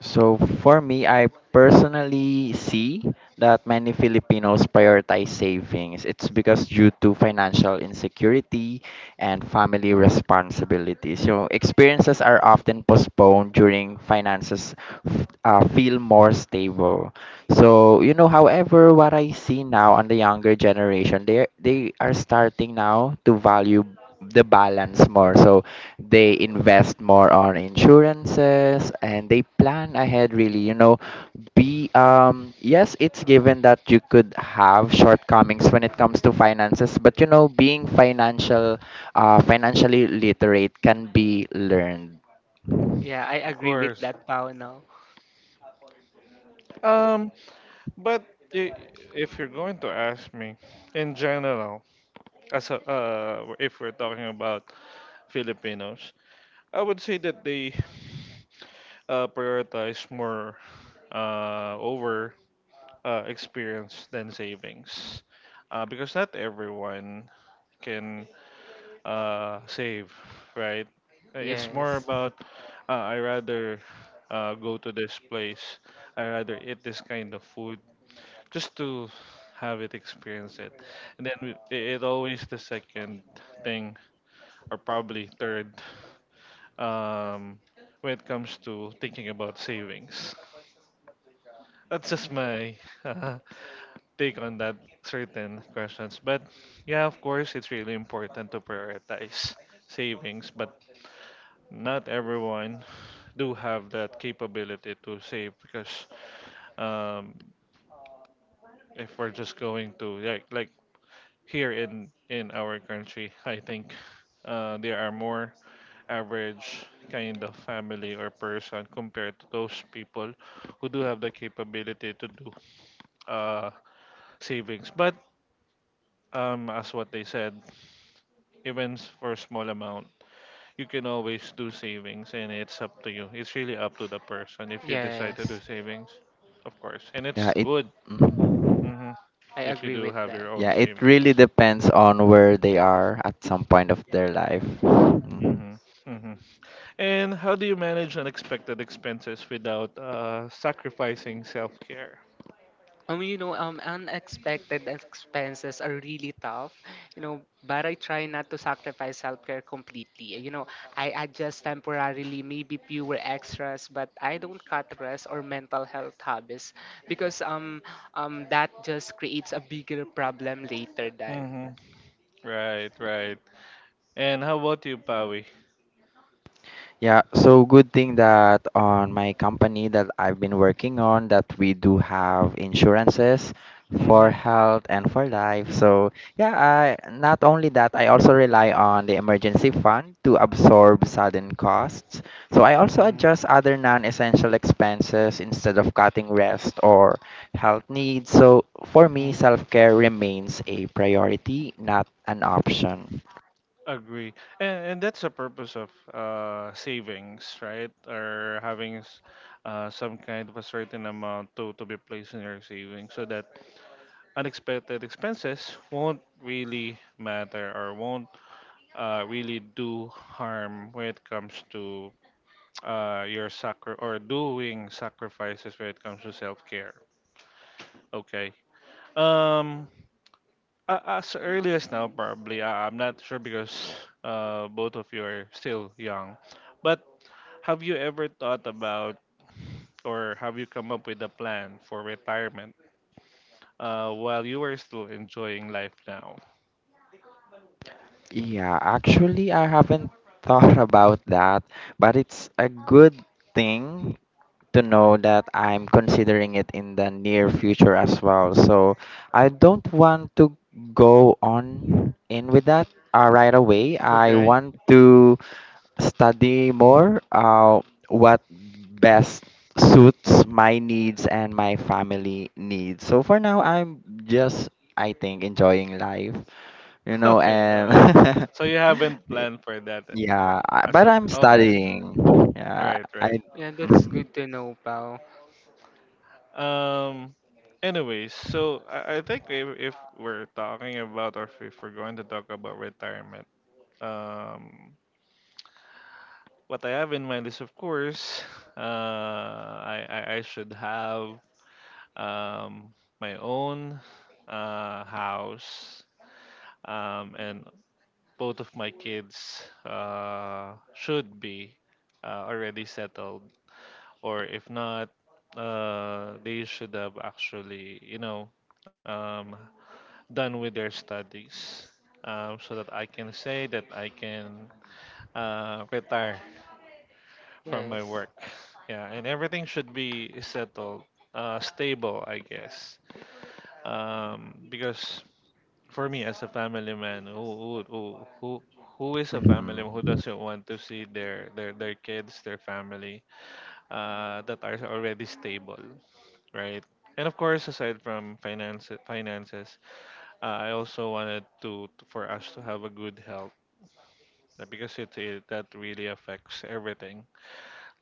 [SPEAKER 3] So for me, I personally see that many Filipinos prioritize savings. It's because due to financial insecurity and family responsibilities. So experiences are often postponed during finances feel more stable. So you know, however, what I see now on the younger generation, they are starting now to value the balance more. So they invest more on insurances and they plan ahead really. You know, be yes, it's given that you could have shortcomings when it comes to finances, but you know, being financially literate can be learned.
[SPEAKER 2] Yeah, I
[SPEAKER 1] Of
[SPEAKER 2] agree with
[SPEAKER 1] course.
[SPEAKER 2] that, Pao now.
[SPEAKER 1] Um, but i- if you're going to ask me, in general, if we're talking about Filipinos, I would say that they prioritize more over experience than savings, because not everyone can save, right? It's more
[SPEAKER 2] Yes.
[SPEAKER 1] about I rather go to this place, I rather eat this kind of food just to have it experience it, and then it always the second thing or probably third um, when it comes to thinking about savings. That's just my take on that certain questions. But yeah, of course, it's really important to prioritize savings, but not everyone do have that capability to save because um, if we're just going to like here in our country, I think there are more average kind of family or person compared to those people who do have the capability to do uh, savings. But as what they said, events for a small amount, you can always do savings and it's up to you. It's really up to the person if you decide to do
[SPEAKER 2] Yes.
[SPEAKER 1] savings, of course. And
[SPEAKER 3] Yeah
[SPEAKER 1] it's
[SPEAKER 3] it
[SPEAKER 1] good,
[SPEAKER 3] Mhm.
[SPEAKER 1] mhm,
[SPEAKER 2] I
[SPEAKER 1] if you
[SPEAKER 2] agree
[SPEAKER 1] do
[SPEAKER 2] with
[SPEAKER 1] have your
[SPEAKER 2] that.
[SPEAKER 1] own
[SPEAKER 3] Yeah, it
[SPEAKER 1] savings.
[SPEAKER 3] really depends on where they are at some point of their life. Mm.
[SPEAKER 1] Hmm. Hmm. And how do you manage unexpected expenses without sacrificing self care?
[SPEAKER 2] You know, unexpected expenses are really tough, you know, but I try not to sacrifice self-care completely. You know, I adjust temporarily, maybe fewer extras, but I don't cut rest or mental health habits because that just creates a bigger problem later then.
[SPEAKER 1] Hmm. Right, right. And how about you, Pawi?
[SPEAKER 3] Yeah, so good thing that on my company that I've been working on, that we do have insurances for
[SPEAKER 1] Hmm.
[SPEAKER 3] health and for life. So yeah, I, not only that, I also rely on the emergency fund to absorb sudden costs. So I also
[SPEAKER 1] Hmm.
[SPEAKER 3] adjust other non-essential expenses instead of cutting rest or health needs. So for me,
[SPEAKER 1] Hmm.
[SPEAKER 3] self-care remains a priority, not an option.
[SPEAKER 1] Agree. And that's the purpose of savings, right? Or having some kind of a certain amount to be placed in your savings so that unexpected expenses won't really matter or won't really do harm when it comes to your sacri or doing sacrifices when it comes to self-care. Okay. Um, as early as now, probably. I'm not sure because both of you are still young. But have you ever thought about or have you come up with a plan for retirement while you are still enjoying life now?
[SPEAKER 3] Yeah, actually, I haven't thought about that, but it's a good thing to know that I'm considering it in the near future as well. So I don't want to go on in with that right away. I
[SPEAKER 1] Okay.
[SPEAKER 3] want to study more what best suits my needs and my family needs. So for now, I'm just, I think, enjoying life, you know.
[SPEAKER 1] Okay. Okay.
[SPEAKER 3] And
[SPEAKER 1] So you haven't planned for that
[SPEAKER 3] yeah, I,
[SPEAKER 1] as
[SPEAKER 3] but
[SPEAKER 1] of
[SPEAKER 3] I'm
[SPEAKER 1] okay.
[SPEAKER 3] studying. Yeah,
[SPEAKER 1] Right,
[SPEAKER 3] I.
[SPEAKER 1] right.
[SPEAKER 2] Yeah, that's
[SPEAKER 3] Mm,
[SPEAKER 2] good to know, pal.
[SPEAKER 1] Um anyways, so I think if we're talking about or if we're going to talk about retirement, um what I have in mind is of course I should have um, my own house, and both of my kids should be already settled, or if not, they should have um, done with their studies. So that I can say that I can retire from my
[SPEAKER 2] Yes,
[SPEAKER 1] work. Yeah, and everything should be settled, stable, I guess because for me as a family man who who is a family who
[SPEAKER 3] mm,
[SPEAKER 1] doesn't want to see their kids, their family that are already stable, right. And of course, aside from finances, I also wanted to, for us to have a good health, because it that really affects everything.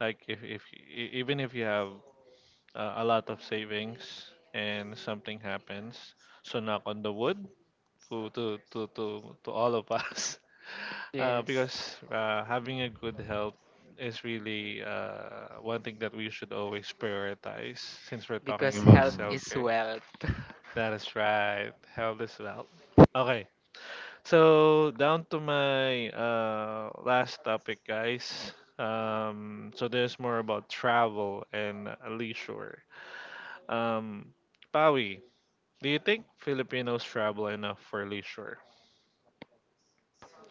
[SPEAKER 1] Like if e- even if you have a lot of savings and something happens, so knock on the wood to to to to, to all of us, uh,
[SPEAKER 2] yes,
[SPEAKER 1] because uh, having a good health is really one thing that we should always prioritize since we're talking
[SPEAKER 2] because
[SPEAKER 1] about
[SPEAKER 2] health
[SPEAKER 1] self
[SPEAKER 3] mm.
[SPEAKER 2] is
[SPEAKER 1] care.
[SPEAKER 2] wealth.
[SPEAKER 1] That is right. Health is wealth. Okay, so down to my last topic, guys. So there's more about travel and leisure. Um, Pawi, do you think Filipinos travel enough for leisure?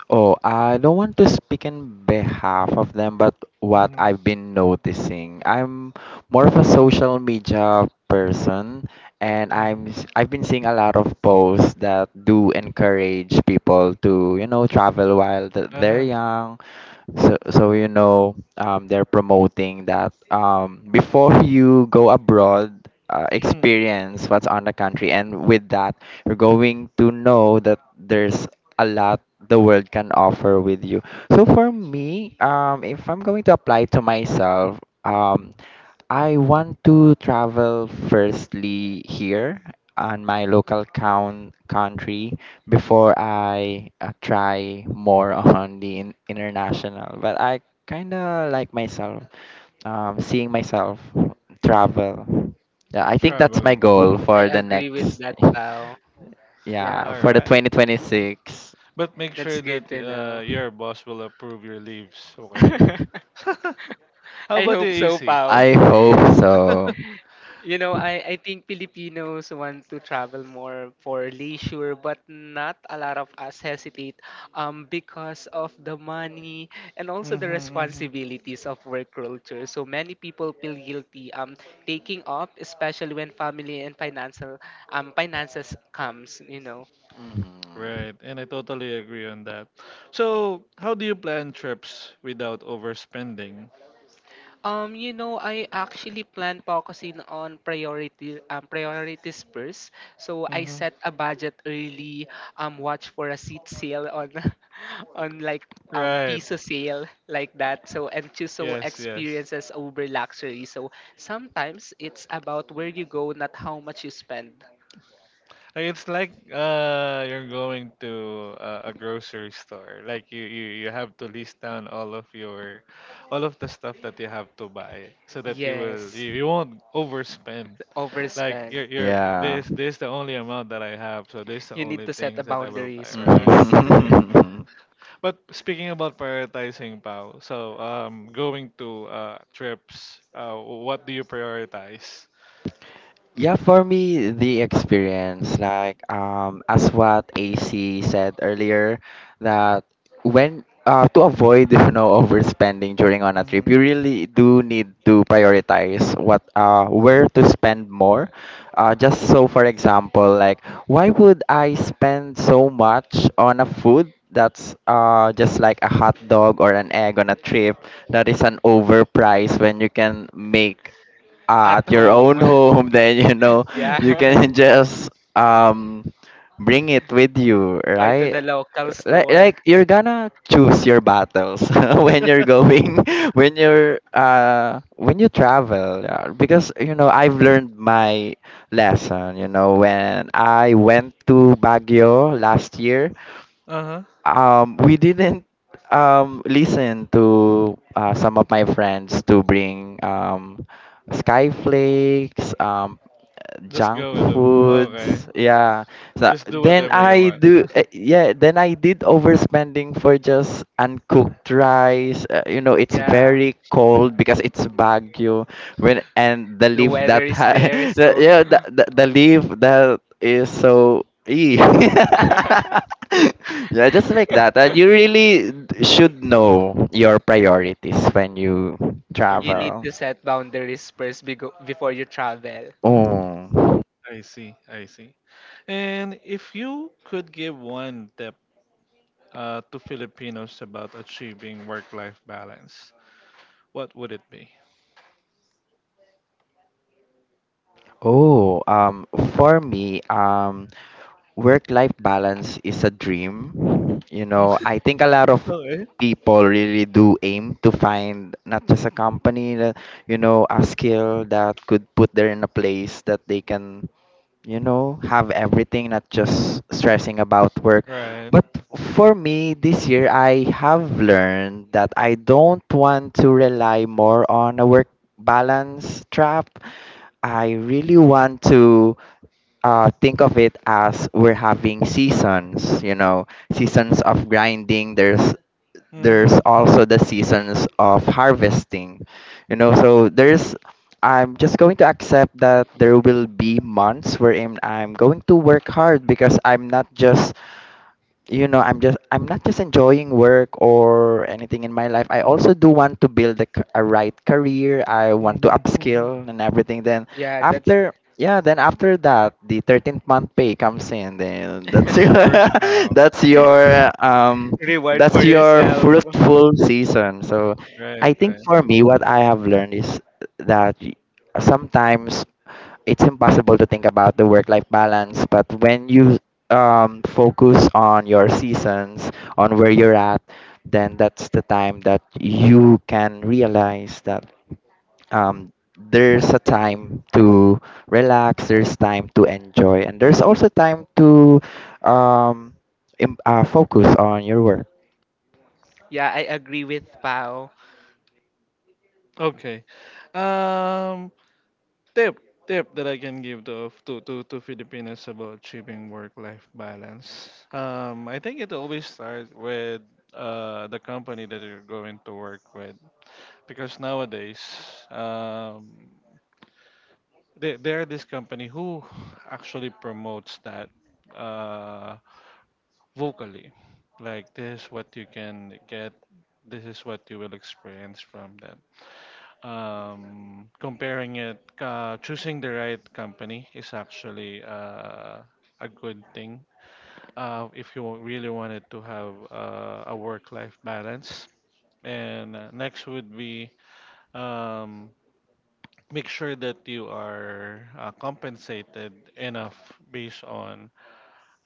[SPEAKER 3] Oh, I don't want to speak in behalf of them, but what
[SPEAKER 1] Mm-hmm.
[SPEAKER 3] I've been noticing, I'm more of a social media person, and
[SPEAKER 1] Mm-hmm.
[SPEAKER 3] I've been seeing a lot of posts that do encourage people to, you know, travel while they're
[SPEAKER 1] Uh-huh.
[SPEAKER 3] young. So you know, they're promoting that before you go abroad, experience what's on the country, and with that, you're going to know that there's a lot the world can offer with you. So for me, if I'm going to apply to myself, um, I want to travel firstly here on my local count country before I try more on the international. But I kind of like myself, seeing myself travel. Yeah, I think that's my
[SPEAKER 1] Traveling,
[SPEAKER 3] goal
[SPEAKER 1] okay.
[SPEAKER 2] I
[SPEAKER 3] for the
[SPEAKER 2] agree with
[SPEAKER 3] next,
[SPEAKER 2] that, pal. Yeah,
[SPEAKER 3] yeah,
[SPEAKER 1] All
[SPEAKER 3] for the
[SPEAKER 1] right.
[SPEAKER 3] 2026.
[SPEAKER 1] But make
[SPEAKER 2] that's
[SPEAKER 1] sure that
[SPEAKER 2] good to know.
[SPEAKER 1] your boss will approve your leaves, okay? How
[SPEAKER 2] I
[SPEAKER 1] about the
[SPEAKER 2] hope so,
[SPEAKER 1] AC?
[SPEAKER 2] Pao.
[SPEAKER 3] I hope so.
[SPEAKER 2] You know, I think Filipinos want to travel more for leisure, but not a lot of us hesitate because of the money and also the
[SPEAKER 1] Mm-hmm, hmm.
[SPEAKER 2] responsibilities of work culture. So many people feel guilty taking off, especially when family and financial finances comes, you know.
[SPEAKER 3] Mhm.
[SPEAKER 1] Right, and I totally agree on that. So, how do you plan trips without overspending?
[SPEAKER 2] You know, I actually plan focusing on priority priorities first. So I
[SPEAKER 1] Mm-hmm.
[SPEAKER 2] set a budget early, watch for a seat sale on on like
[SPEAKER 1] Right.
[SPEAKER 2] piece of sale like that. So and choose so
[SPEAKER 1] Yes, yes.
[SPEAKER 2] experiences over luxury. So sometimes it's about where you go, not how much you spend.
[SPEAKER 1] It's like you're going to a grocery store. Like you have to list down all of your all of the stuff that you have to buy so that you will
[SPEAKER 2] Yes,
[SPEAKER 1] you won't overspend. Like
[SPEAKER 2] overspend.
[SPEAKER 1] you're
[SPEAKER 3] Yeah.
[SPEAKER 1] this this the only amount that I have, so this the
[SPEAKER 2] You need
[SPEAKER 1] only
[SPEAKER 2] to set a
[SPEAKER 1] things that I will buy.
[SPEAKER 2] boundaries
[SPEAKER 1] Right,
[SPEAKER 2] first.
[SPEAKER 1] right.
[SPEAKER 3] Mhm.
[SPEAKER 1] But speaking about prioritizing, Pao, so going to trips, what do you prioritize?
[SPEAKER 3] Yeah, for me, the experience, like as what AC said earlier, that when to avoid you know overspending during on a trip,
[SPEAKER 1] Mm-hmm.
[SPEAKER 3] you really do need to prioritize what where to spend more. Just so for example, like why would I spend so much on a food that's just like a hot dog or an egg on a trip that is an overpriced, when you can make
[SPEAKER 2] at
[SPEAKER 3] at your own
[SPEAKER 2] home.
[SPEAKER 3] home, then you know you
[SPEAKER 1] Mm-hmm.
[SPEAKER 2] Yeah.
[SPEAKER 3] can just um bring it with you,
[SPEAKER 2] Buy to
[SPEAKER 3] right?
[SPEAKER 2] the local store.
[SPEAKER 3] Like you're gonna choose your battles when you're going, when you're when you travel, yeah. Because you know I've learned my lesson. You know when I went to Baguio last year,
[SPEAKER 1] Uh-huh.
[SPEAKER 3] we didn't listen to some of my friends to bring skyflakes,
[SPEAKER 1] Just
[SPEAKER 3] junk
[SPEAKER 1] go with the okay.
[SPEAKER 3] foods, yeah. So
[SPEAKER 1] Just do
[SPEAKER 3] then
[SPEAKER 1] whatever you
[SPEAKER 3] I
[SPEAKER 1] want.
[SPEAKER 3] do yeah then I did overspending for just uncooked rice. You know, it's
[SPEAKER 2] Yeah,
[SPEAKER 3] very cold because it's Baguio when and the
[SPEAKER 2] the
[SPEAKER 3] leaf
[SPEAKER 2] weather
[SPEAKER 3] that
[SPEAKER 2] is there,
[SPEAKER 3] the,
[SPEAKER 2] so
[SPEAKER 3] yeah the leaf that is so ee. Yeah, just like that. You really should know your priorities when you
[SPEAKER 2] you
[SPEAKER 1] Agree.
[SPEAKER 2] need
[SPEAKER 3] travel.
[SPEAKER 2] to set boundaries first before you travel.
[SPEAKER 3] Oh
[SPEAKER 1] I see. I see. And if you could give one tip to Filipinos about achieving work-life balance, what would it be?
[SPEAKER 3] Oh, for me, work-life balance is a dream. You know, I think a lot of
[SPEAKER 1] Okay.
[SPEAKER 3] people really do aim to find not just a company that, you know, a skill that could put them in a place that they can, you know, have everything, not just stressing about work.
[SPEAKER 1] Right.
[SPEAKER 3] But for me, this year, I have learned that I don't want to rely more on a work balance trap. I really want to think of it as we're having seasons, you know, seasons of grinding. There's
[SPEAKER 1] Mhm,
[SPEAKER 3] also the seasons of harvesting, you know. So there's, I'm just going to accept that there will be months wherein I'm going to work hard, because I'm not just you know I'm just I'm not just enjoying work or anything in my life. I also do want to build a right career. I want to
[SPEAKER 1] mhm, mhm.
[SPEAKER 3] upskill and everything. Then
[SPEAKER 2] Yeah, that's
[SPEAKER 3] after that, the 13th month pay comes in, then that's
[SPEAKER 1] But of
[SPEAKER 3] your
[SPEAKER 1] course, wow.
[SPEAKER 3] that's your um
[SPEAKER 2] reward for
[SPEAKER 3] that's your
[SPEAKER 2] yourself.
[SPEAKER 3] fruitful season. So
[SPEAKER 1] Right,
[SPEAKER 3] I think
[SPEAKER 1] right.
[SPEAKER 3] for me what I have learned is that, sometimes it's impossible to think about the work life balance, but when you focus on your seasons, on where you're at, then that's the time that you can realize that, um, there's a time to relax, there's time to enjoy, and there's also time to um, focus on your work.
[SPEAKER 2] Yeah, I agree with Pao.
[SPEAKER 1] Okay. Um, tip tip that I can give to Filipinos about achieving work-life balance. I think it always starts with the company that you're going to work with, because nowadays, um, there are this company who actually promotes that. Uh, vocally, like this what you can get, this is what you will experience from that. Comparing it, choosing the right company is actually a good thing if you really wanted to have a work-life balance. And next would be um, make sure that you are compensated enough based on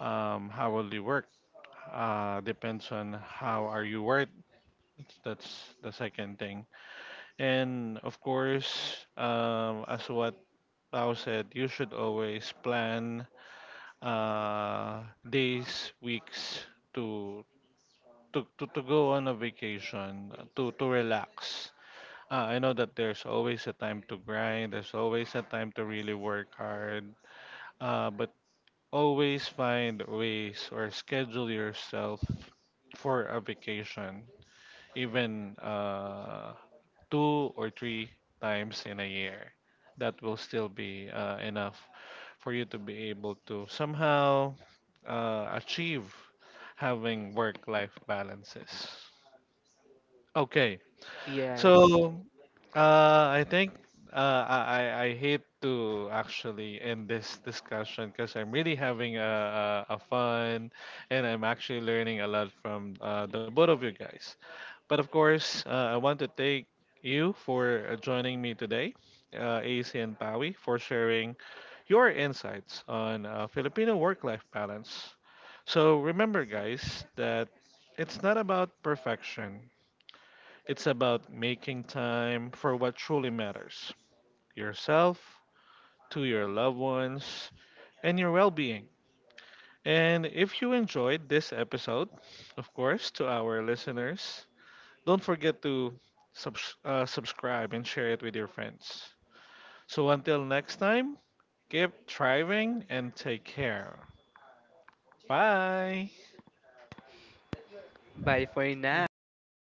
[SPEAKER 1] how will you work? Depends on how are you worth. That's the second thing. And of course, as what Tao said, you should always plan uh, days, weeks to to go on a vacation, to relax. I know that there's always a time to grind, there's always a time to really work hard, but always find ways or schedule yourself for a vacation, even two or three times in a year. That will still be enough for you to be able to somehow achieve having work life balances. Okay, so,
[SPEAKER 2] Yes.
[SPEAKER 1] I think I hate to actually end this discussion because I'm really having a, a fun, and I'm actually learning a lot from the both of you guys. But of course, I want to thank you for joining me today, AC and Pawi, for sharing your insights on Filipino work-life balance. So remember, guys, that it's not about perfection. It's about making time for what truly matters: yourself, to your loved ones, and your well being. And if you enjoyed this episode, of course, to our listeners, don't forget to subscribe and share it with your friends. So until next time, keep thriving and take care. Bye.
[SPEAKER 2] Bye for now.